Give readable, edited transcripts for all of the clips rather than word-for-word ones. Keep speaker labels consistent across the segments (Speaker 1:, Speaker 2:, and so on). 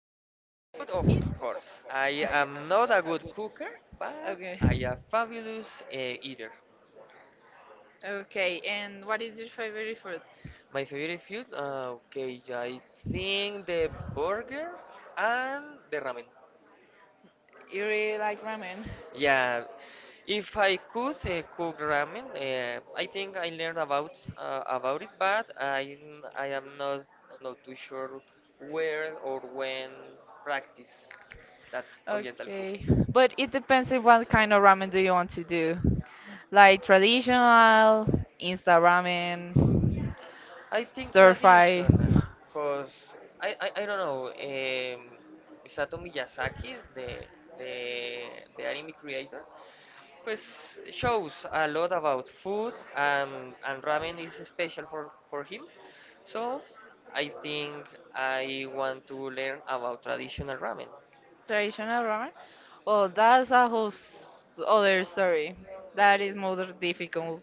Speaker 1: to eat food, of course. I am not a good cooker, but
Speaker 2: Okay,
Speaker 1: I am fabulous eater.
Speaker 2: Okay. And what is your favorite food?
Speaker 1: My favorite food, okay, I think the burger and the ramen.
Speaker 2: You really like ramen?
Speaker 1: Yeah, if I could cook ramen, I think I learned about about it, but I am not not too sure where or when practice that Oriental cook.
Speaker 2: Okay. But it depends on what kind of ramen do you want to do. Like traditional, instant ramen,
Speaker 1: I think
Speaker 2: stir fry.
Speaker 1: traditional, cause I don't know. Isato Miyazaki, the the anime creator, pues shows a lot about food, and ramen is special for him. So I think I want to learn about traditional ramen.
Speaker 2: Traditional ramen? Well, that's a whole other story. That is more difficult.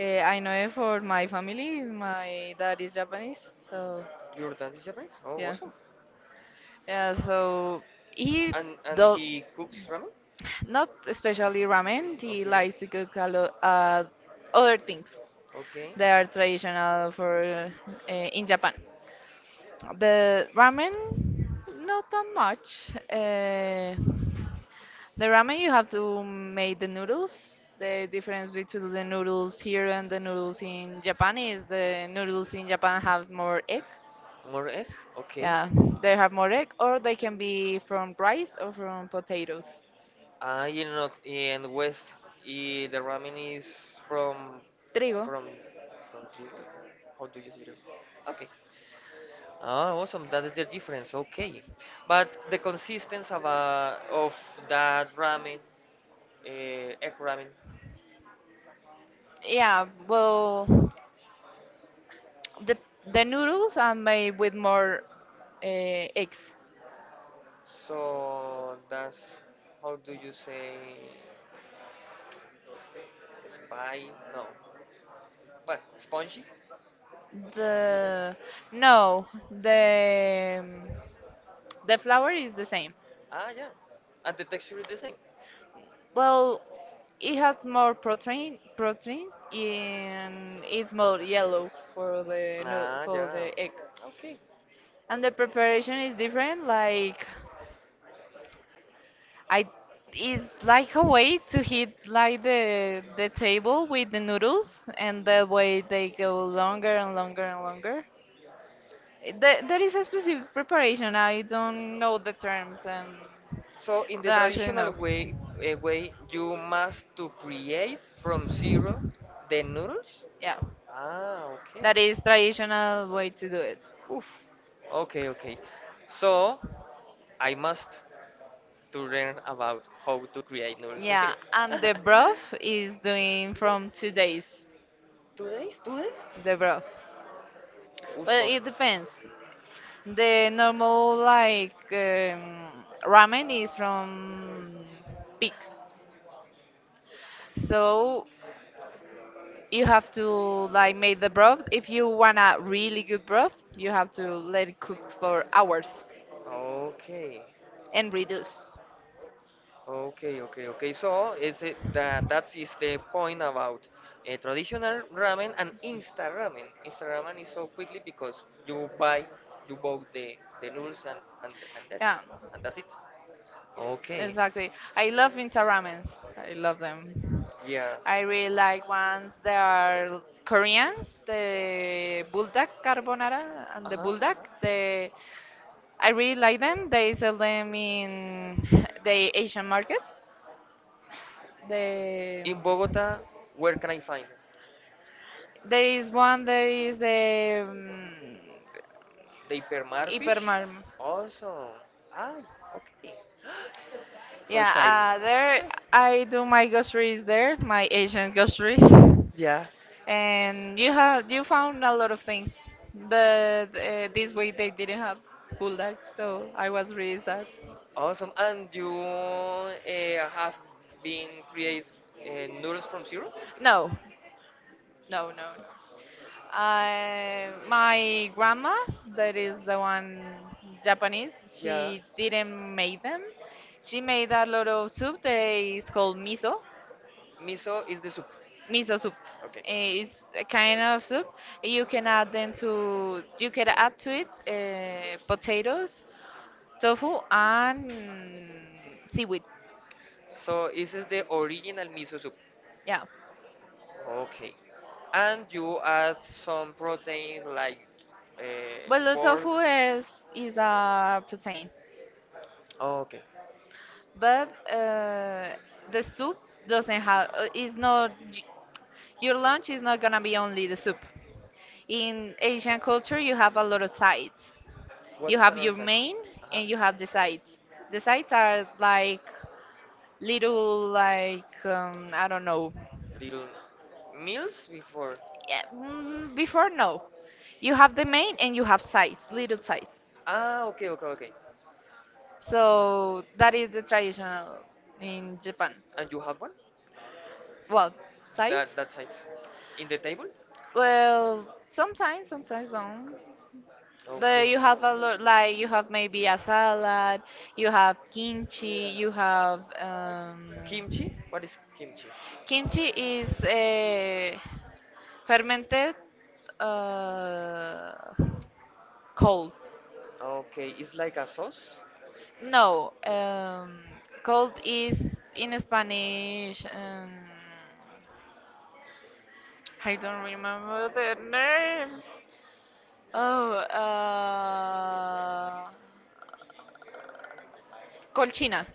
Speaker 2: I know it for my family. My dad is Japanese, so
Speaker 1: Your dad is Japanese? Oh,
Speaker 2: yeah,
Speaker 1: awesome.
Speaker 2: yeah. So he
Speaker 1: And
Speaker 2: don't,
Speaker 1: he cooks ramen?
Speaker 2: not especially ramen. He
Speaker 1: Okay.
Speaker 2: likes to cook a lot other things
Speaker 1: Okay.
Speaker 2: that are traditional for in Japan. The ramen, not that much. The ramen, you have to make the noodles. The difference between the noodles here and the noodles in Japan is the noodles in Japan have more egg.
Speaker 1: More egg? Okay.
Speaker 2: Yeah, they have more egg, or they can be from rice or from potatoes.
Speaker 1: Ah, in the West, the ramen is from
Speaker 2: Trigo.
Speaker 1: from from trigo. How do you say it? Okay. Ah, awesome. That is the difference. Okay. But the consistency of that ramen, uh, egg ramen.
Speaker 2: Yeah, well, the the noodles are made with more eggs.
Speaker 1: So that's, how do you say, spy? No. What? Spongy?
Speaker 2: The No, the the flour is the same.
Speaker 1: Ah, yeah. And the texture is the same.
Speaker 2: Well, it has more protein, and it's more yellow for the
Speaker 1: Ah,
Speaker 2: for
Speaker 1: ya.
Speaker 2: the egg.
Speaker 1: Ok.
Speaker 2: And the preparation is different. Like I, it's like a way to hit like the table with the noodles, and that way they go longer and longer and longer. There is a specific preparation. I don't know the terms and
Speaker 1: So in the
Speaker 2: don't actually
Speaker 1: traditional
Speaker 2: know.
Speaker 1: way, way you must to create from zero the noodles?
Speaker 2: Yeah,
Speaker 1: Ah, okay.
Speaker 2: that is traditional way to do it.
Speaker 1: Oof. Okay, okay. So I must to learn about how to create noodles from
Speaker 2: Yeah,
Speaker 1: zero.
Speaker 2: and the broth is doing from 2 days.
Speaker 1: 2 days? 2 days?
Speaker 2: The broth.
Speaker 1: Ooh,
Speaker 2: Well, it
Speaker 1: awesome.
Speaker 2: depends. The normal like ramen is from pig. So you have to like make the broth. If you want a really good broth, you have to let it cook for hours
Speaker 1: Okay.
Speaker 2: and reduce.
Speaker 1: Okay, okay, okay. So is it that that is the point about a traditional ramen and insta ramen. Insta ramen is so quickly because you bought the noodles and and and
Speaker 2: Yeah,
Speaker 1: that's and that's it. Okay,
Speaker 2: exactly. I love Insta ramens. I love them.
Speaker 1: yeah.
Speaker 2: I really like ones that are Koreans, the buldak carbonara and
Speaker 1: Uh
Speaker 2: the
Speaker 1: huh. Uh
Speaker 2: buldak.
Speaker 1: huh.
Speaker 2: The I really like them. They sell them in the Asian market.
Speaker 1: In
Speaker 2: The
Speaker 1: Bogota, where can I find
Speaker 2: There
Speaker 1: it?
Speaker 2: is one that is a
Speaker 1: They pair marfish?
Speaker 2: Hypermart.
Speaker 1: Awesome. Ah, okay. So
Speaker 2: Yeah,
Speaker 1: exciting.
Speaker 2: there, I do my groceries there, my Asian groceries,
Speaker 1: Yeah.
Speaker 2: and you have you found a lot of things, but this week they didn't have bulldog, so I was really sad.
Speaker 1: Awesome. And you have been create noodles from zero?
Speaker 2: No, no, no. My grandma, that is the one Japanese,
Speaker 1: Yeah.
Speaker 2: she didn't make them. She made a lot of soup that is called miso.
Speaker 1: Miso is the soup.
Speaker 2: Miso soup,
Speaker 1: Okay.
Speaker 2: is a kind of soup. You can add then to you can add to it potatoes, tofu, and seaweed.
Speaker 1: So this is the original miso soup.
Speaker 2: Yeah.
Speaker 1: Okay. And you add some protein like
Speaker 2: Well, the
Speaker 1: pork.
Speaker 2: tofu is a protein,
Speaker 1: Okay.
Speaker 2: but the soup doesn't have. Is not y- your lunch is not gonna be only the soup.
Speaker 1: In
Speaker 2: In
Speaker 1: Asian
Speaker 2: Asian culture,
Speaker 1: culture, you
Speaker 2: you
Speaker 1: have
Speaker 2: have a
Speaker 1: a lot
Speaker 2: lot of
Speaker 1: of sides.
Speaker 2: sides.
Speaker 1: You what's
Speaker 2: You have
Speaker 1: have another
Speaker 2: your
Speaker 1: the side? Main.
Speaker 2: main
Speaker 1: Uh huh.
Speaker 2: and
Speaker 1: And
Speaker 2: you
Speaker 1: you have
Speaker 2: have the
Speaker 1: the sides.
Speaker 2: sides.
Speaker 1: The
Speaker 2: The
Speaker 1: sides
Speaker 2: sides
Speaker 1: are
Speaker 2: are
Speaker 1: like
Speaker 2: like little like I don't know.
Speaker 1: little meals before. Yeah,
Speaker 2: Yeah, before no, you have the main and you have sides,
Speaker 1: little,
Speaker 2: little
Speaker 1: little sides.
Speaker 2: sides.
Speaker 1: Ah, okay, okay, okay. So
Speaker 2: So that
Speaker 1: the
Speaker 2: is the
Speaker 1: tradition,
Speaker 2: traditional in Japan.
Speaker 1: and you have one? Well,
Speaker 2: Well,
Speaker 1: sides.
Speaker 2: sides.
Speaker 1: That that side. In the table? Well,
Speaker 2: Well,
Speaker 1: sometimes.
Speaker 2: sometimes don't. But
Speaker 1: Okay.
Speaker 2: you have a lot, like you have maybe a salad, you have
Speaker 1: Kimchi? What is kimchi?
Speaker 2: kimchi is fermented uh, cold.
Speaker 1: Okay, it's like a sauce?
Speaker 2: No, cold is in Spanish. I don't remember the name. Oh, uh, Colchina.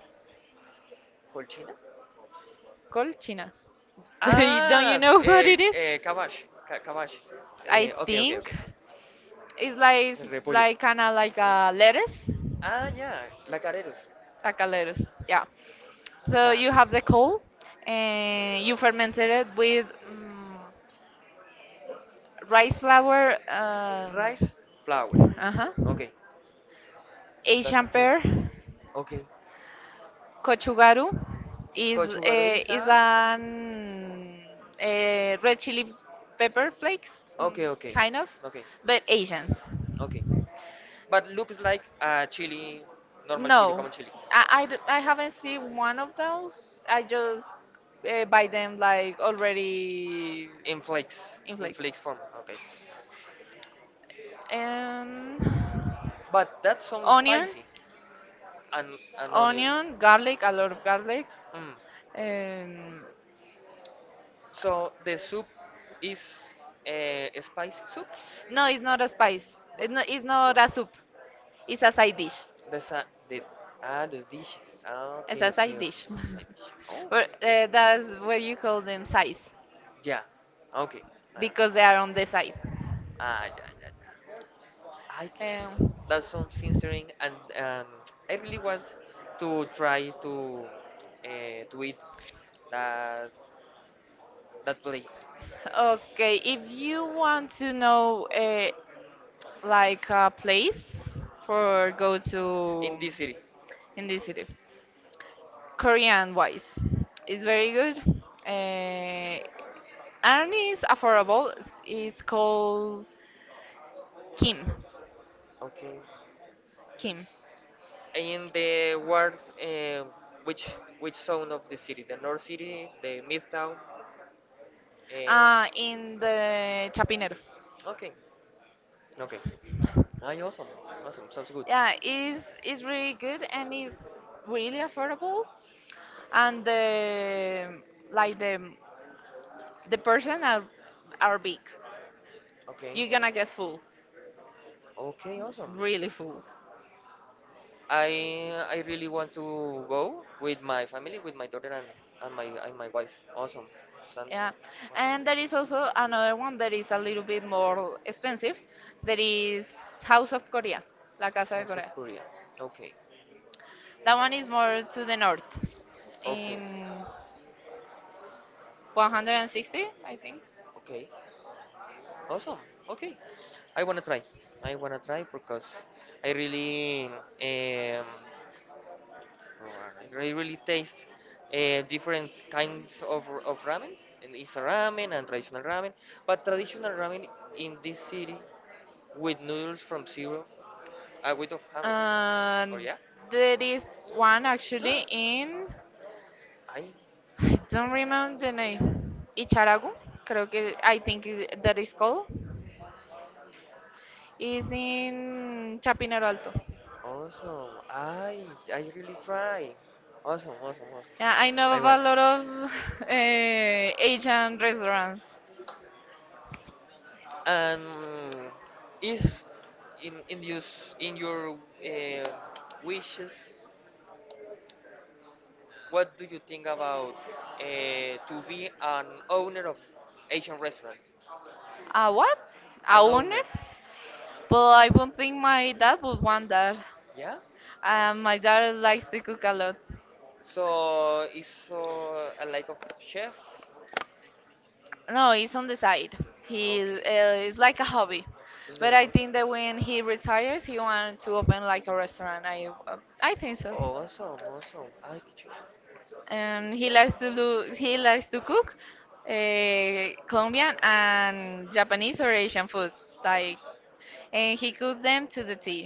Speaker 1: Colchina?
Speaker 2: Colchina. Don't you,
Speaker 1: Ah,
Speaker 2: ah, know what okay it is?
Speaker 1: cabbage. Cabbage.
Speaker 2: I
Speaker 1: Ok, ok,
Speaker 2: think
Speaker 1: ok.
Speaker 2: it's
Speaker 1: El repollo.
Speaker 2: like kind of like a lettuce,
Speaker 1: Ah, ya, la careros.
Speaker 2: like a lettuce. Yeah. So
Speaker 1: Fab.
Speaker 2: you have the coal, and you fermented it with rice flour.
Speaker 1: Rice, flour.
Speaker 2: Uh huh.
Speaker 1: Okay.
Speaker 2: Asian pear,
Speaker 1: Okay.
Speaker 2: kochugaru, is a,
Speaker 1: Cochugaroiza.
Speaker 2: is an a red chili pepper flakes,
Speaker 1: Okay, okay.
Speaker 2: kind of,
Speaker 1: Okay,
Speaker 2: but Asians.
Speaker 1: okay. But looks like a chili, normal chili,
Speaker 2: No,
Speaker 1: common chili.
Speaker 2: I haven't seen one of those. I just buy them like already
Speaker 1: In flakes,
Speaker 2: in
Speaker 1: in
Speaker 2: flakes.
Speaker 1: flakes form. Okay.
Speaker 2: And
Speaker 1: But that sounds
Speaker 2: onion,
Speaker 1: spicy. And an onion.
Speaker 2: onion, garlic, a lot of garlic.
Speaker 1: Mm.
Speaker 2: Um,
Speaker 1: So the soup is a spicy soup?
Speaker 2: No, it's not a spice.
Speaker 1: No?
Speaker 2: It's not a soup. It's a side dish.
Speaker 1: The sa the the dishes. Ah,
Speaker 2: It's a
Speaker 1: okay, okay,
Speaker 2: side
Speaker 1: okay.
Speaker 2: dish.
Speaker 1: The side dish. Oh,
Speaker 2: But that's what you call them sides
Speaker 1: yeah. Okay. Uh,
Speaker 2: because they are on the side.
Speaker 1: ah, yeah, yeah, yeah. I teacher.
Speaker 2: Um,
Speaker 1: That sounds interesting, and I really want to try to eat that that place.
Speaker 2: okay, if you want to know like a place for go to
Speaker 1: In this city.
Speaker 2: in this city, Korean wise, it's very good. Uh, and it's affordable. It's called Kim.
Speaker 1: Okay.
Speaker 2: Kim.
Speaker 1: In the world, uh, which which zone of the city? The north city, the midtown. Uh,
Speaker 2: In the Chapinero.
Speaker 1: okay. Okay. Ah, awesome. Awesome. Sounds good.
Speaker 2: Yeah, is really good and is really affordable. And the like the person are big.
Speaker 1: Okay.
Speaker 2: You're gonna get full,
Speaker 1: Okay, awesome.
Speaker 2: really full.
Speaker 1: I I really want to go with my family, with my daughter and my wife. Awesome. Sounds
Speaker 2: Yeah,
Speaker 1: awesome.
Speaker 2: and there is also another one that is a little bit more expensive. That is House of Korea, La Casa de
Speaker 1: House of
Speaker 2: Corea.
Speaker 1: Korea. Okay.
Speaker 2: That one is more to the north,
Speaker 1: Okay.
Speaker 2: in 160, I think.
Speaker 1: Okay, awesome. Okay, I wanna try. I wanna try because I really, um, I really taste different kinds of ramen. And it's a ramen and traditional ramen, but traditional ramen in this city with noodles from zero, with of Hamilton. Or
Speaker 2: And yeah,
Speaker 1: yeah,
Speaker 2: there is one actually in,
Speaker 1: I.
Speaker 2: I don't remember the name, Icharagu, creo que, I think it- that is called, is in Chapinero Alto.
Speaker 1: Awesome. I really try. Awesome, awesome, awesome.
Speaker 2: Yeah, I know
Speaker 1: I
Speaker 2: of a
Speaker 1: want.
Speaker 2: lot of Asian restaurants.
Speaker 1: And is in in your in your wishes, what do you think about to be an owner of Asian restaurant?
Speaker 2: A what? A
Speaker 1: An
Speaker 2: owner?
Speaker 1: owner.
Speaker 2: But I don't think my dad would want that.
Speaker 1: Yeah.
Speaker 2: My dad likes to cook a lot.
Speaker 1: So is a like of chef.
Speaker 2: No, it's on the side. He
Speaker 1: Okay.
Speaker 2: It's like a hobby.
Speaker 1: It's like
Speaker 2: But I
Speaker 1: a-
Speaker 2: think that when he retires, he wants to open like a restaurant. I think so.
Speaker 1: Oh, awesome, awesome. I get
Speaker 2: And he likes to do he likes to cook Colombian and Japanese or Asian food like and he cooks them to the tea.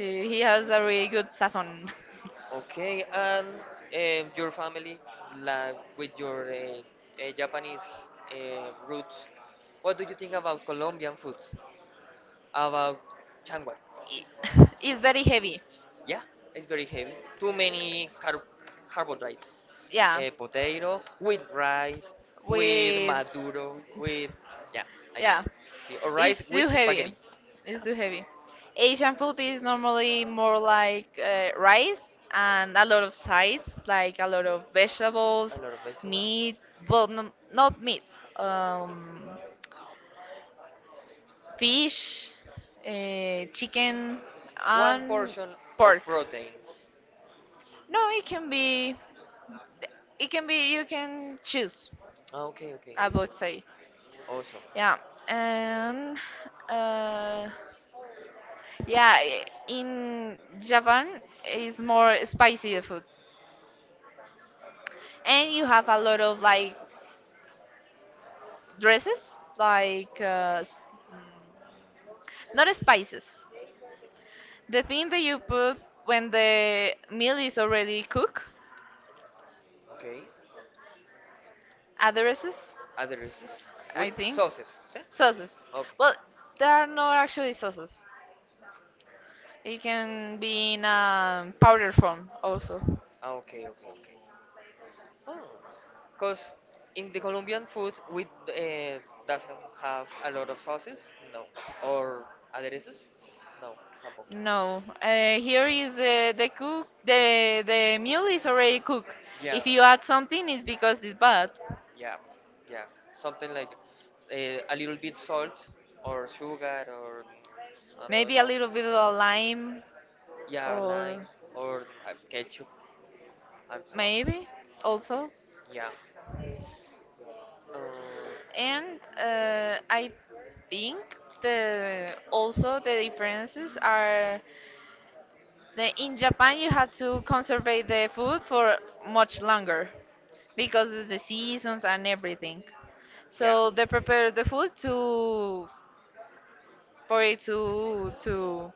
Speaker 2: Uh, He has a really good sazon.
Speaker 1: you. Okay, and your family, like with your Japanese roots, what do you think about Colombian food? About changua?
Speaker 2: It- It's very heavy.
Speaker 1: Yeah, it's very heavy. Too many carbohydrates.
Speaker 2: Yeah,
Speaker 1: Potato with rice, with
Speaker 2: with
Speaker 1: maduro, with yeah, I think.
Speaker 2: yeah,
Speaker 1: See, or rice
Speaker 2: it's
Speaker 1: with
Speaker 2: too heavy,
Speaker 1: spaghetti.
Speaker 2: it's too heavy. Asian food is normally more like rice and a lot of sides like a lot of
Speaker 1: A
Speaker 2: vegetables,
Speaker 1: lot of vegetables.
Speaker 2: meat, well no, not meat, um, fish, chicken,
Speaker 1: One
Speaker 2: and
Speaker 1: portion
Speaker 2: pork.
Speaker 1: of protein.
Speaker 2: No, it can be, it can be, you can choose,
Speaker 1: Ah, okay, okay.
Speaker 2: I would say.
Speaker 1: Awesome.
Speaker 2: Yeah. And uh in Japan is more spicy the food, and you have a lot of like dresses, like mm, not spices. The thing that you put when the meal is already cooked,
Speaker 1: Okay.
Speaker 2: addresses,
Speaker 1: Adereces with
Speaker 2: I think,
Speaker 1: sauces. ¿Sí?
Speaker 2: sauces.
Speaker 1: Okay.
Speaker 2: Well, there are not actually sauces. It can be in a powder form also.
Speaker 1: Ah, okay, okay, okay. Oh, because in the Colombian food, we doesn't have a lot of sauces, no, or adereces, no, tampoco.
Speaker 2: No, here is the cook. The meal is already cooked.
Speaker 1: Yeah,
Speaker 2: If you add something, it's because it's bad.
Speaker 1: yeah, yeah. Something like uh, a little bit salt or sugar or I don't
Speaker 2: Maybe a
Speaker 1: know.
Speaker 2: little bit of lime,
Speaker 1: Yeah, lime
Speaker 2: or
Speaker 1: or ketchup and so on.
Speaker 2: maybe also.
Speaker 1: Yeah.
Speaker 2: And I think the also the differences are that in Japan you have to
Speaker 1: Uh,
Speaker 2: conserve the food for much longer because of the seasons and everything.
Speaker 1: yeah.
Speaker 2: So they prepare the food to for it to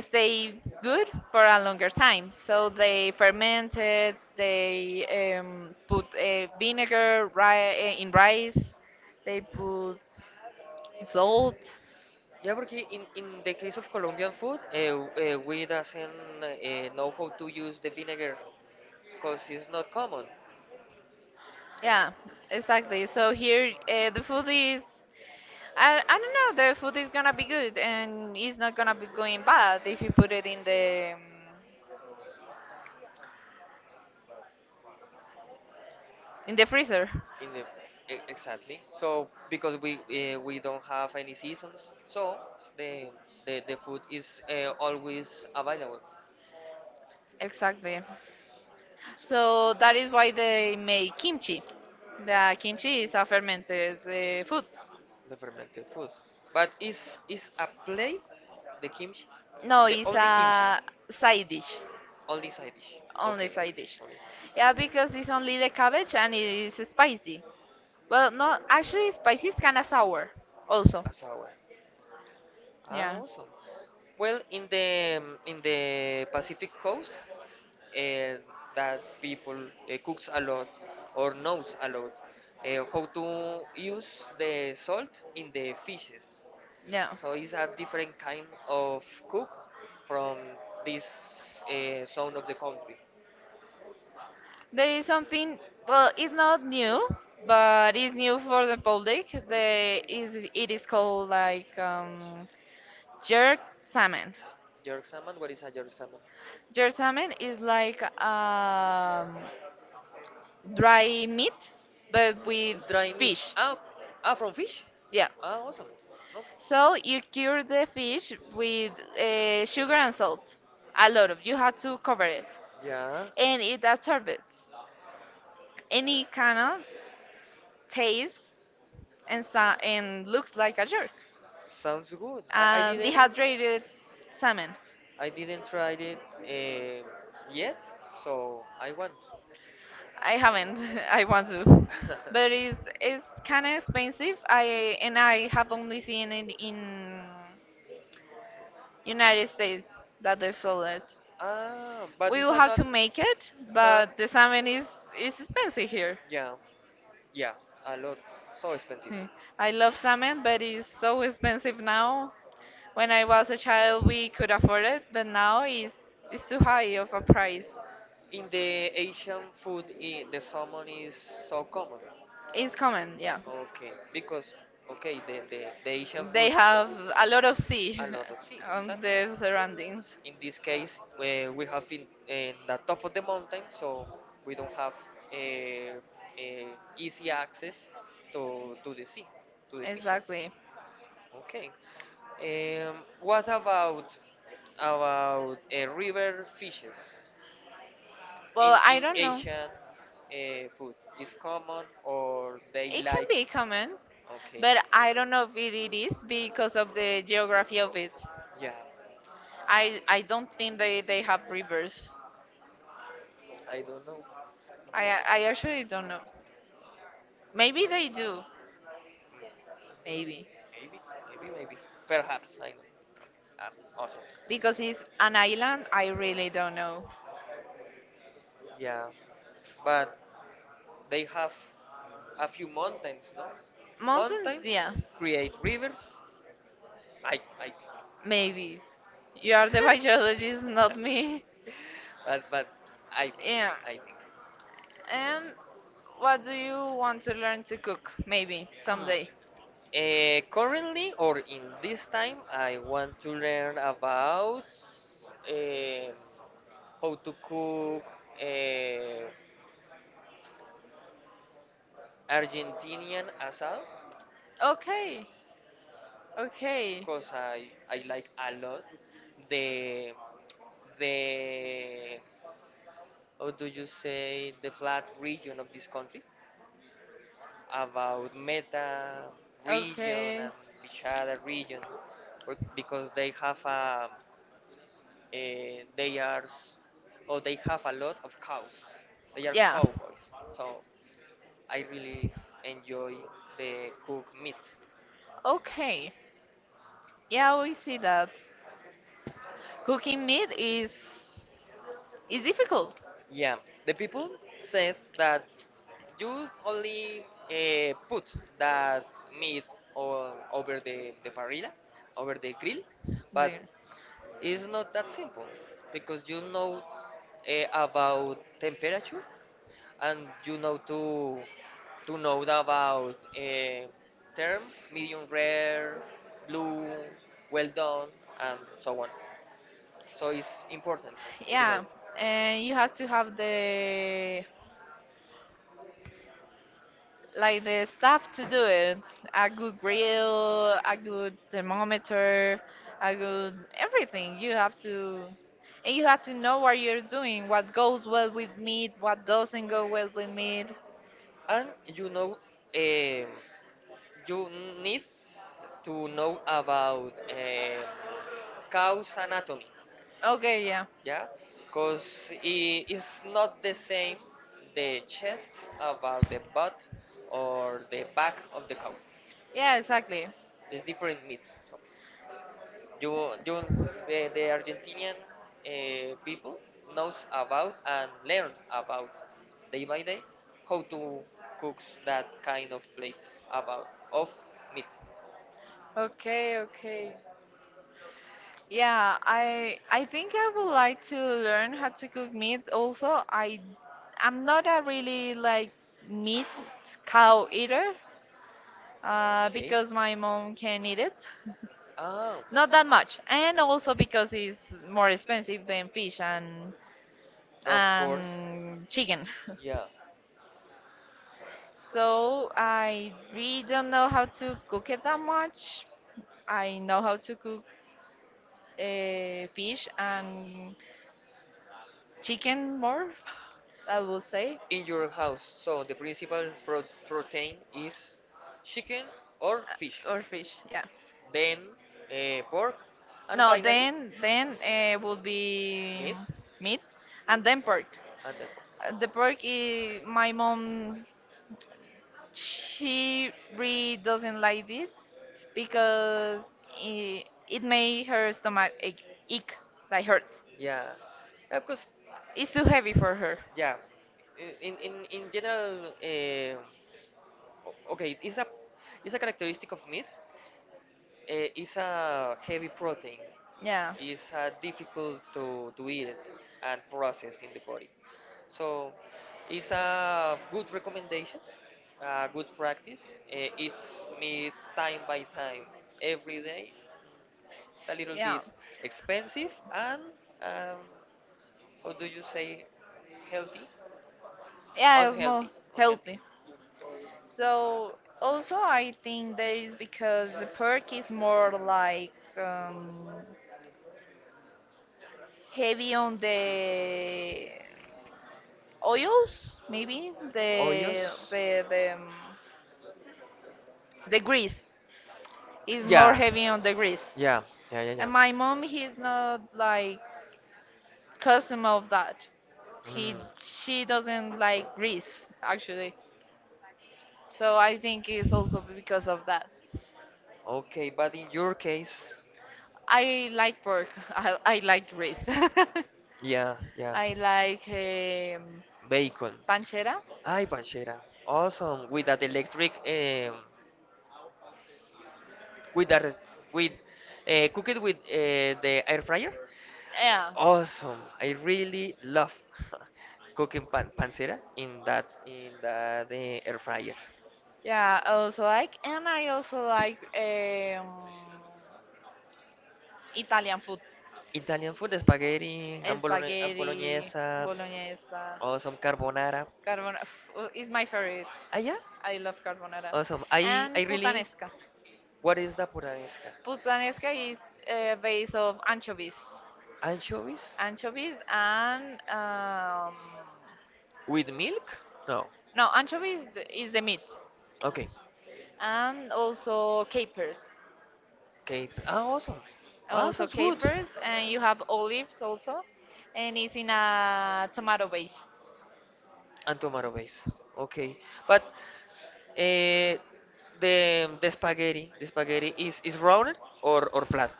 Speaker 2: stay good for a longer time. So they ferment it. They put vinegar in rice. They put salt.
Speaker 1: Yeah, porque in the case of Colombian food, we doesn't know how to use the vinegar because it's not common.
Speaker 2: Yeah, exactly. So here the food is. I don't know. The food is gonna be good, and it's not gonna be going bad if you put it in the freezer.
Speaker 1: In the exactly. So because we don't have any seasons, so the the food is always available.
Speaker 2: Exactly. So that is why they make kimchi. The kimchi is a fermented food.
Speaker 1: The fermented food. But is a plate the kimchi?
Speaker 2: No,
Speaker 1: The
Speaker 2: it's
Speaker 1: only kimchi,
Speaker 2: a side dish,
Speaker 1: only side dish.
Speaker 2: only
Speaker 1: Okay, okay.
Speaker 2: side dish.
Speaker 1: Only side
Speaker 2: Yeah,
Speaker 1: dish.
Speaker 2: because it's only the cabbage and it is spicy. Well, no, actually, spicy is kind of sour also.
Speaker 1: A sour. Ah,
Speaker 2: Yeah,
Speaker 1: awesome. Well, in the Pacific coast, uh, that people cooks a lot or knows a lot how to use the salt in the fishes.
Speaker 2: yeah.
Speaker 1: So it's a different kind of cook from this zone of the country.
Speaker 2: There is something, well, it's not new, but it's new for the public. The is it is called like jerk salmon.
Speaker 1: Jerk salmon, what is a jerk salmon?
Speaker 2: Jersamen is like dry meat, but with
Speaker 1: Dry meat.
Speaker 2: fish.
Speaker 1: Ah, from fish?
Speaker 2: Yeah.
Speaker 1: Ah, awesome.
Speaker 2: So you cure the fish with sugar and salt. A lot of you
Speaker 1: No.
Speaker 2: have to cover it,
Speaker 1: Yeah,
Speaker 2: and it absorbs any kind of taste and and looks like a jerk.
Speaker 1: sounds good. I, I didn't
Speaker 2: Dehydrated salmon.
Speaker 1: I didn't try it yet, so I want.
Speaker 2: I haven't. I want to, but it's kind of expensive. I And I have only seen it in United States that they sold it.
Speaker 1: Ah, but
Speaker 2: We
Speaker 1: it's
Speaker 2: will have to
Speaker 1: not.
Speaker 2: make it,
Speaker 1: Huh?
Speaker 2: but the salmon is expensive here.
Speaker 1: Yeah, yeah, a lot. So expensive.
Speaker 2: Hmm. I love salmon, but it's so expensive now. When I was a child, we could afford it, but now it's too high of a price.
Speaker 1: In the Asian food, the salmon is so common.
Speaker 2: It's common, yeah.
Speaker 1: Okay, because okay, the Asian
Speaker 2: They
Speaker 1: food
Speaker 2: have a lot of sea
Speaker 1: a lot of sea,
Speaker 2: on
Speaker 1: exactly.
Speaker 2: their surroundings.
Speaker 1: In this case, where we have in the top of the mountain, so we don't have easy access to the sea, to the fishes.
Speaker 2: Exactly.
Speaker 1: Okay. Um, what about river fishes in
Speaker 2: Well, I
Speaker 1: in
Speaker 2: don't know.
Speaker 1: Asian food? Is common or they
Speaker 2: It can
Speaker 1: like?
Speaker 2: be common,
Speaker 1: Okay.
Speaker 2: but I don't know if it is because of the geography of it.
Speaker 1: Yeah.
Speaker 2: I don't think they have rivers.
Speaker 1: I don't know.
Speaker 2: I actually don't know. Maybe they do. Maybe
Speaker 1: Maybe. Maybe. Maybe. Perhaps. I don't know. Um, Awesome.
Speaker 2: because it's an island. I really don't know.
Speaker 1: Yeah. But they have a few mountains, no?
Speaker 2: Mountains,
Speaker 1: Mountains
Speaker 2: yeah,
Speaker 1: create rivers. I think.
Speaker 2: maybe. You are the biologist, not me.
Speaker 1: But I think
Speaker 2: Yeah.
Speaker 1: I think.
Speaker 2: And what do you want to learn to cook? Maybe someday.
Speaker 1: Currently or in this time, I want to learn about eh, how to cook eh, Argentinian asado.
Speaker 2: Okay. Okay.
Speaker 1: Because I like a lot the the, how do you say, the flat region of this country, about Meta region
Speaker 2: Okay.
Speaker 1: and Bishada region, because they have a, they are s- or they have a lot of cows, they are
Speaker 2: Yeah.
Speaker 1: cowboys, so I really enjoy the cook meat.
Speaker 2: Okay. Yeah, we see that cooking meat is difficult.
Speaker 1: Yeah, the people said that you only put that meat over the parrilla, over the grill, but
Speaker 2: There.
Speaker 1: it's not that simple because about temperature and you know to know about terms, medium rare, blue, well done, and so on. So it's important to know.
Speaker 2: Yeah, and you have to have the like the
Speaker 1: I
Speaker 2: stuff to
Speaker 1: could
Speaker 2: do
Speaker 1: do it.
Speaker 2: it.
Speaker 1: I
Speaker 2: A
Speaker 1: could
Speaker 2: good grill,
Speaker 1: reel, I
Speaker 2: a
Speaker 1: could
Speaker 2: good
Speaker 1: thermometer,
Speaker 2: thermometer,
Speaker 1: I
Speaker 2: a
Speaker 1: could
Speaker 2: good
Speaker 1: everything.
Speaker 2: everything.
Speaker 1: You
Speaker 2: You
Speaker 1: have
Speaker 2: have
Speaker 1: to
Speaker 2: to and
Speaker 1: you
Speaker 2: you
Speaker 1: have
Speaker 2: have
Speaker 1: to
Speaker 2: to
Speaker 1: know
Speaker 2: know
Speaker 1: what
Speaker 2: what you're
Speaker 1: you're
Speaker 2: doing, what goes well
Speaker 1: doing,
Speaker 2: with meat, what
Speaker 1: what's involved
Speaker 2: doesn't go well
Speaker 1: with
Speaker 2: with meat.
Speaker 1: it. And um you need to know about cow's anatomy,
Speaker 2: Okay, yeah.
Speaker 1: yeah, because it's not the same the chest about the butt or the back of the cow.
Speaker 2: Yeah, exactly.
Speaker 1: It's different meat you you the Argentinian people knows about and learn about day by day how to cook that kind of plates about of meat.
Speaker 2: Okay, okay. Yeah, I think I would like to learn how to cook meat also. I'm not a really like meat cow eater
Speaker 1: Okay.
Speaker 2: because my mom can eat it.
Speaker 1: Ah,
Speaker 2: Not that much. And also because it's more expensive than fish
Speaker 1: of course.
Speaker 2: and chicken.
Speaker 1: Yeah. So
Speaker 2: So
Speaker 1: I
Speaker 2: I
Speaker 1: really
Speaker 2: really
Speaker 1: don't
Speaker 2: don't
Speaker 1: know
Speaker 2: know
Speaker 1: how
Speaker 2: how
Speaker 1: to
Speaker 2: to
Speaker 1: cook
Speaker 2: cook
Speaker 1: it
Speaker 2: it
Speaker 1: that
Speaker 2: that
Speaker 1: much.
Speaker 2: much.
Speaker 1: I
Speaker 2: I
Speaker 1: know
Speaker 2: know
Speaker 1: how
Speaker 2: how
Speaker 1: to
Speaker 2: to
Speaker 1: cook
Speaker 2: cook
Speaker 1: uh, fish
Speaker 2: fish
Speaker 1: and
Speaker 2: and
Speaker 1: chicken
Speaker 2: chicken
Speaker 1: more,
Speaker 2: more,
Speaker 1: I
Speaker 2: I
Speaker 1: will
Speaker 2: will
Speaker 1: say.
Speaker 2: say.
Speaker 1: In your house. So the principal protein is chicken or fish,
Speaker 2: Or fish,
Speaker 1: yeah.
Speaker 2: yeah.
Speaker 1: Then pork, and no, then
Speaker 2: No,
Speaker 1: finally
Speaker 2: then
Speaker 1: then
Speaker 2: then uh,
Speaker 1: will
Speaker 2: would
Speaker 1: be
Speaker 2: be
Speaker 1: meat meat.
Speaker 2: meat,
Speaker 1: And
Speaker 2: and then pork.
Speaker 1: and then pork.
Speaker 2: The
Speaker 1: The person,
Speaker 2: pork is
Speaker 1: my,
Speaker 2: my mom,
Speaker 1: she
Speaker 2: she
Speaker 1: really.
Speaker 2: really doesn't like it because it made her stomach ache, ache, like hurts.
Speaker 1: Yeah, yeah, because
Speaker 2: It's too heavy for her.
Speaker 1: yeah, in general, okay, it's a characteristic of meat. It's a heavy protein.
Speaker 2: Yeah,
Speaker 1: It's difficult to eat it and process in the body. So it's a good recommendation, a good practice. Eat meat time by time, every day. It's a little
Speaker 2: yeah,
Speaker 1: bit expensive and um, how do you say healthy?
Speaker 2: yeah, it's more
Speaker 1: Unhealthy.
Speaker 2: healthy. So also I think that is because the pork is more like heavy on the oils, maybe the
Speaker 1: Hoyos.
Speaker 2: the the, um, the grease, is more
Speaker 1: Yeah.
Speaker 2: heavy on the grease.
Speaker 1: Yeah. Yeah. Yeah. Yeah.
Speaker 2: And my mom, he's not like custom of that. He, she doesn't like grease, actually. So I think it's
Speaker 1: Mm.
Speaker 2: also because of that.
Speaker 1: Okay, but in your case,
Speaker 2: I like pork. I like grease.
Speaker 1: yeah, yeah,
Speaker 2: I like
Speaker 1: bacon.
Speaker 2: panchera.
Speaker 1: Ay, panchera. Awesome. With that electric, with that, with, cook it with the air fryer.
Speaker 2: Yeah.
Speaker 1: Awesome. I really love cooking pancera in that air fryer.
Speaker 2: Yeah, I also like, and I also like Italian food,
Speaker 1: Italian food, spaghetti and
Speaker 2: spaghetti,
Speaker 1: bolognese,
Speaker 2: bolognese,
Speaker 1: awesome carbonara.
Speaker 2: carbonara. Is my favorite.
Speaker 1: Ah, yeah,
Speaker 2: I love carbonara,
Speaker 1: awesome.
Speaker 2: and puttanesca.
Speaker 1: What is the puranesca?
Speaker 2: Puttanesca is base of anchovies,
Speaker 1: Anchovies
Speaker 2: anchovies, and
Speaker 1: with milk? No.
Speaker 2: no, anchovies is the meat,
Speaker 1: Okay.
Speaker 2: and also capers.
Speaker 1: Okay. Ah, awesome. Ah,
Speaker 2: Also
Speaker 1: sounds good.
Speaker 2: capers, and you have olives also, and it's in a tomato base.
Speaker 1: And tomato base. Okay, but uh, the the spaghetti is rounded or flat?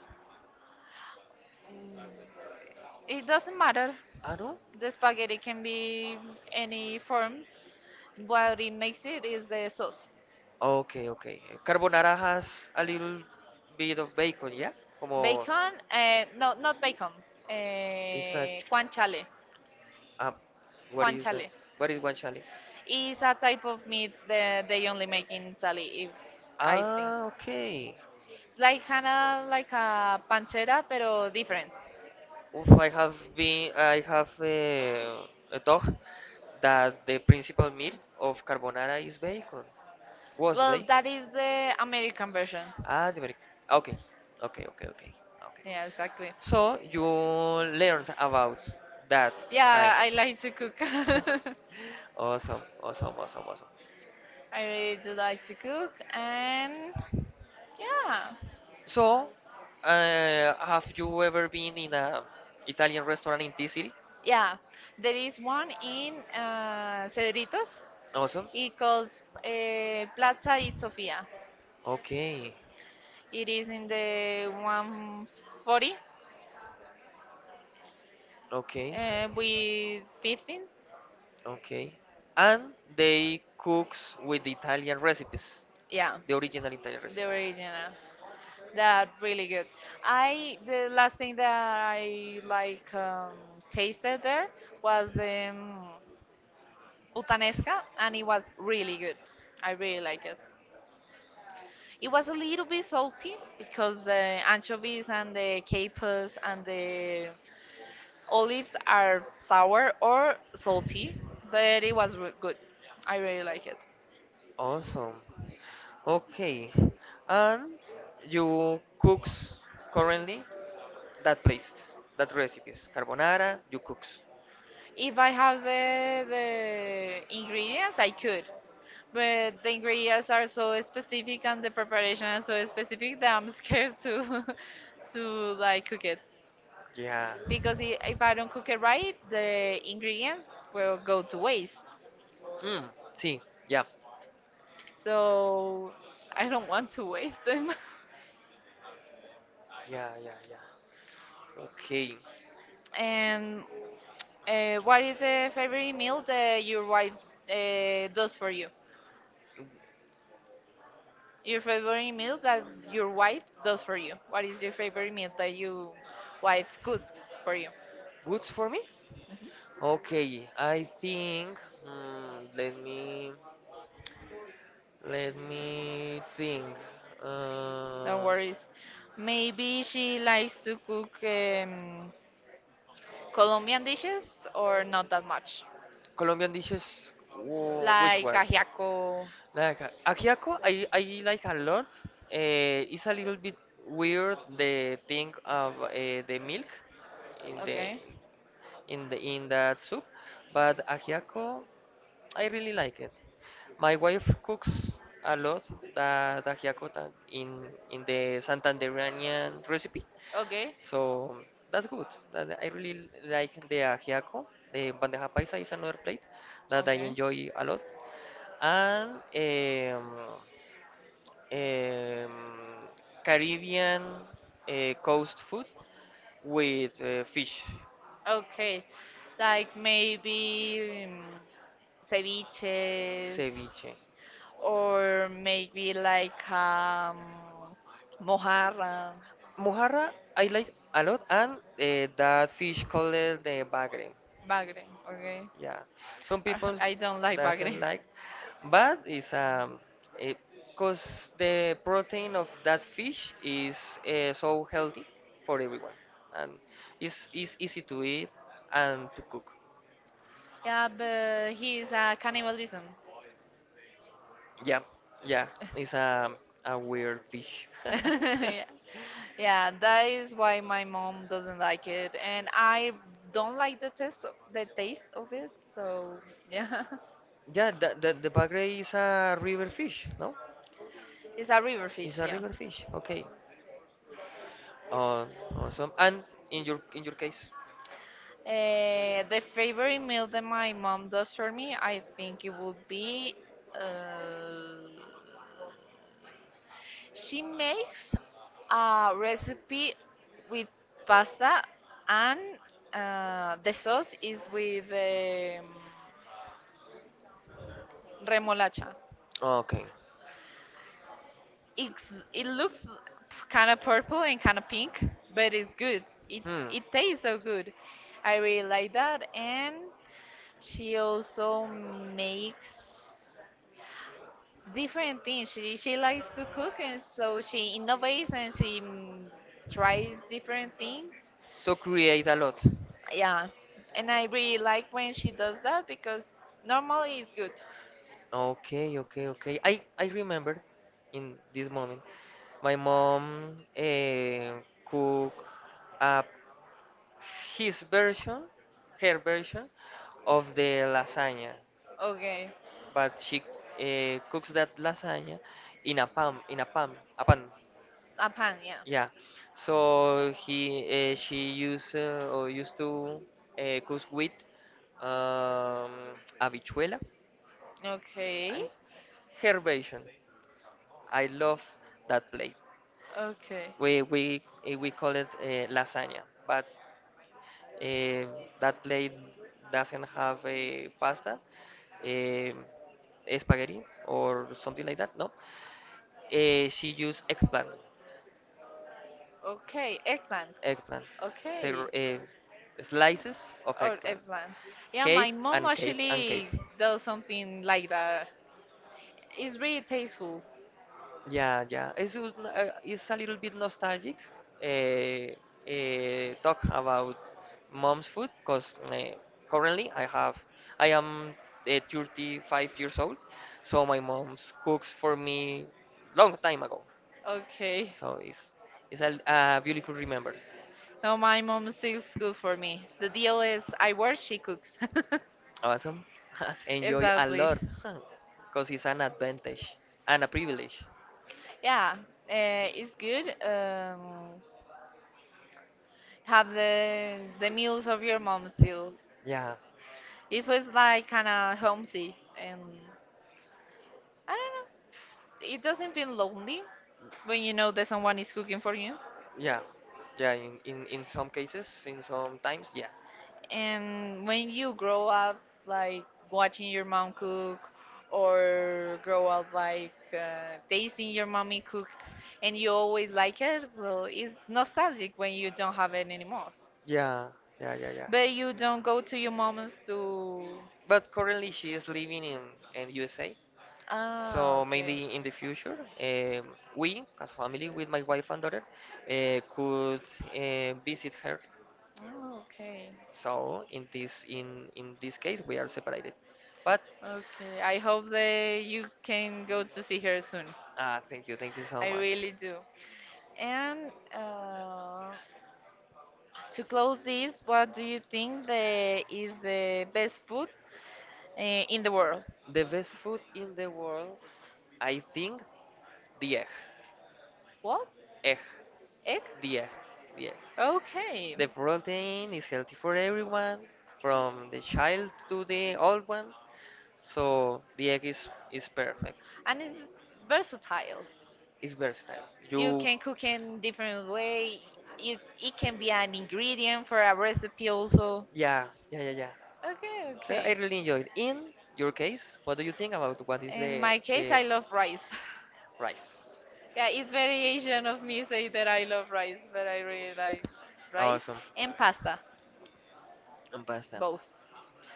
Speaker 2: It doesn't matter.
Speaker 1: Ah, no.
Speaker 2: The spaghetti can be any form. What it makes it is the sauce.
Speaker 1: Okay, okay. Carbonara has a little bit of bacon, yeah? Como
Speaker 2: Bacon, no, not bacon.
Speaker 1: is a.
Speaker 2: Guanciale,
Speaker 1: Um, what is that?
Speaker 2: guanciale.
Speaker 1: What is guanciale?
Speaker 2: It's a type of meat that they only make in Italy. If I,
Speaker 1: Ah, okay.
Speaker 2: it's like kind of like a pancetta, pero different.
Speaker 1: Oof, I have a dog that the principal meat of carbonara is bacon. Was
Speaker 2: Well,
Speaker 1: bacon.
Speaker 2: that is the American version.
Speaker 1: Ah, the Ameri- Okay, okay, okay, okay, okay.
Speaker 2: Yeah, exactly.
Speaker 1: So you learned about that kind
Speaker 2: Yeah, I like to cook.
Speaker 1: of.
Speaker 2: I
Speaker 1: Awesome, awesome, awesome, awesome.
Speaker 2: really do like to cook, and yeah,
Speaker 1: So, have you ever been in a Italian restaurant in this city?
Speaker 2: yeah. There is one in Cedritos.
Speaker 1: Awesome.
Speaker 2: It calls Plaza Itzofia.
Speaker 1: Okay.
Speaker 2: It is in the 140
Speaker 1: Okay.
Speaker 2: with 15.
Speaker 1: Okay. And they cooks with the Italian recipes,
Speaker 2: Yeah,
Speaker 1: the original Italian
Speaker 2: the
Speaker 1: recipes.
Speaker 2: original. That really good. I the last thing that I like tasted there was the Butanesca, and it was really good. I really like it. It was a little bit salty because the anchovies and the capers and the olives are sour or salty, but it was re- good. I really like it.
Speaker 1: Awesome. Okay. And you cooks currently that place, that recipes, carbonara, you cooks.
Speaker 2: If I have the ingredients, I could. But the ingredients are so specific and the preparation is so specific that I'm scared to to like cook it.
Speaker 1: Yeah.
Speaker 2: Because if I don't cook it right, the ingredients will go to waste.
Speaker 1: Hmm. See. Yeah.
Speaker 2: So I don't want to waste them.
Speaker 1: Yeah, yeah, yeah. Okay.
Speaker 2: And
Speaker 1: What
Speaker 2: what
Speaker 1: is
Speaker 2: is
Speaker 1: the
Speaker 2: the favorite
Speaker 1: favorite meal
Speaker 2: meal
Speaker 1: that
Speaker 2: that your wife
Speaker 1: uh,
Speaker 2: does for you?
Speaker 1: your
Speaker 2: Your favorite
Speaker 1: favorite
Speaker 2: meal
Speaker 1: meal that
Speaker 2: that your wife
Speaker 1: does
Speaker 2: does for
Speaker 1: for you?
Speaker 2: you?
Speaker 1: What
Speaker 2: What
Speaker 1: is
Speaker 2: is your
Speaker 1: your favorite
Speaker 2: favorite
Speaker 1: meal
Speaker 2: meal
Speaker 1: that
Speaker 2: that
Speaker 1: you
Speaker 2: your
Speaker 1: like
Speaker 2: wife
Speaker 1: cooks
Speaker 2: cooks
Speaker 1: for
Speaker 2: for you?
Speaker 1: you? Goods for me?
Speaker 2: Mhm.
Speaker 1: Okay, I think. mm, let me let me think.
Speaker 2: No
Speaker 1: Uh,
Speaker 2: worries. Maybe she
Speaker 1: like
Speaker 2: likes to cook
Speaker 1: Colombian
Speaker 2: Colombian
Speaker 1: dishes
Speaker 2: dishes
Speaker 1: or
Speaker 2: or
Speaker 1: not
Speaker 2: not
Speaker 1: that
Speaker 2: that
Speaker 1: much?
Speaker 2: much,
Speaker 1: Colombian dishes. Which like
Speaker 2: like
Speaker 1: one?
Speaker 2: ajiaco.
Speaker 1: Like Akiako, I like a lot. It's a little bit weird the thing of the milk in the
Speaker 2: Okay.
Speaker 1: in the in that soup, but Akiako, I really like it. My wife cooks a lot that Akiako that in the Santanderanian recipe,
Speaker 2: Okay.
Speaker 1: so that's good. That I really like the Akiako. The bandeja paisa is another plate that I
Speaker 2: Okay.
Speaker 1: enjoy a lot, and. Um, Caribbean coast food with fish,
Speaker 2: Okay. Like maybe ceviches
Speaker 1: ceviche.
Speaker 2: or maybe like mojarra,
Speaker 1: Mojarra, I like a lot, and that fish called the bagre.
Speaker 2: bagre. Okay.
Speaker 1: Yeah, some people
Speaker 2: I don't like bagre.
Speaker 1: doesn't like, but it's it, cause the protein of that fish is so healthy for everyone, and it's easy to eat and to cook.
Speaker 2: Yeah, but he's a cannibalism.
Speaker 1: Yeah, yeah, it's a weird fish.
Speaker 2: Yeah. Yeah, that is why my mom doesn't like it, and I don't like the taste of it. So yeah,
Speaker 1: Yeah, the bagre is a river fish, no?
Speaker 2: it's a river
Speaker 1: It's
Speaker 2: fish.
Speaker 1: a
Speaker 2: Yeah.
Speaker 1: river fish. Okay. Uh, awesome. And in your case,
Speaker 2: The favorite meal that my mom does for me, I think it would be. Uh, she makes a recipe with pasta, and the sauce is with remolacha.
Speaker 1: okay.
Speaker 2: It's, it looks kind of purple and kind of pink, but it's good. It
Speaker 1: Hmm.
Speaker 2: it tastes so good. I really like that. And she also makes different things. She likes to cook, and so she innovates and she tries different things.
Speaker 1: So create a lot.
Speaker 2: Yeah, and I really like when she does that because normally it's good.
Speaker 1: Okay, okay, okay. I remember in this moment, my mom cook up his version, her version of the lasagna,
Speaker 2: Okay,
Speaker 1: but she cooks that lasagna in a pan, a pan.
Speaker 2: a pan, yeah.
Speaker 1: Yeah. So he she used or used to cook with um, habichuela
Speaker 2: Okay,
Speaker 1: and her version. I love that plate.
Speaker 2: okay.
Speaker 1: We call it lasagna, but um that plate doesn't have a pasta, um spaghetti or something like that. No, she used eggplant,
Speaker 2: Okay, eggplant.
Speaker 1: eggplant, so,
Speaker 2: Okay.
Speaker 1: slices of
Speaker 2: Or
Speaker 1: eggplant,
Speaker 2: eggplant. Yeah,
Speaker 1: cape
Speaker 2: my mom
Speaker 1: and cape and cape.
Speaker 2: actually does something like that. It's really tasteful.
Speaker 1: Yeah, yeah. It's, just it's a little bit nostalgic talk about mom's food because currently I am 35 years old, so my mom's cooks for me long time ago.
Speaker 2: Okay.
Speaker 1: So it's a beautiful remembrance.
Speaker 2: No, my mom sticks good for me. The deal is I work, she cooks.
Speaker 1: Awesome. Enjoy a
Speaker 2: Exactly.
Speaker 1: lot because it's an advantage and a privilege.
Speaker 2: Yeah, it's good. Have the meals of your mom still.
Speaker 1: Yeah.
Speaker 2: It feels like kind of homesick, and I don't know. It doesn't feel lonely when you know that someone is cooking for you,
Speaker 1: Yeah. Yeah, in some cases, in some times, yeah.
Speaker 2: and when you grow up like watching your mom cook, or grow up like tasting your mommy cook, and you always like it, well it's nostalgic when you don't have it anymore,
Speaker 1: Yeah, yeah, yeah, yeah.
Speaker 2: but you don't go to your mom's to.
Speaker 1: But currently she is living in USA.
Speaker 2: Ah,
Speaker 1: So
Speaker 2: okay.
Speaker 1: maybe in the future, we, as a family, with my wife and daughter, could visit her.
Speaker 2: Oh, okay.
Speaker 1: So in this in this case, we are separated. But
Speaker 2: Okay, I hope that you can go to see her soon.
Speaker 1: ah, thank you so
Speaker 2: I
Speaker 1: much.
Speaker 2: really do. And to close this, what do you think the is the best food uh, in the world?
Speaker 1: The best food in the world, I think, the egg,
Speaker 2: What?
Speaker 1: egg,
Speaker 2: Egg?
Speaker 1: the egg, the egg.
Speaker 2: Okay.
Speaker 1: The protein is healthy for everyone, from the child to the old one. So the egg is perfect.
Speaker 2: And it's versatile.
Speaker 1: It's versatile.
Speaker 2: You
Speaker 1: You,
Speaker 2: can cook in different way. You it can be an ingredient for a recipe also.
Speaker 1: yeah, yeah, yeah, yeah.
Speaker 2: Okay,
Speaker 1: So I
Speaker 2: okay.
Speaker 1: really enjoyed. In your case, what do you think about what is
Speaker 2: In my case,
Speaker 1: the
Speaker 2: I love rice.
Speaker 1: rice?
Speaker 2: Yeah, it's variation of me say that I love rice, but I really like rice
Speaker 1: Awesome.
Speaker 2: and pasta,
Speaker 1: And pasta.
Speaker 2: both.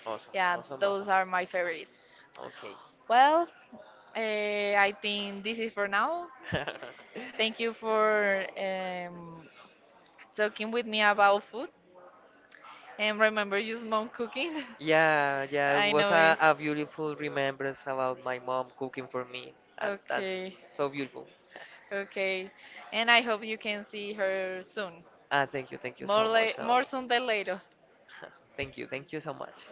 Speaker 1: Awesome,
Speaker 2: Yeah,
Speaker 1: awesome,
Speaker 2: those
Speaker 1: awesome.
Speaker 2: are my favorite.
Speaker 1: Okay.
Speaker 2: Well, I think this is for now. Thank you for talking with me about food. And remember, use mom cooking.
Speaker 1: Yeah, yeah, it
Speaker 2: I
Speaker 1: was
Speaker 2: know it.
Speaker 1: a beautiful remembrance about my mom cooking for me, and that's
Speaker 2: Okay,
Speaker 1: so beautiful.
Speaker 2: okay. And I hope you can see her soon.
Speaker 1: Ah, thank you
Speaker 2: More,
Speaker 1: so much,
Speaker 2: more
Speaker 1: Naomi.
Speaker 2: soon than later.
Speaker 1: Thank you so much.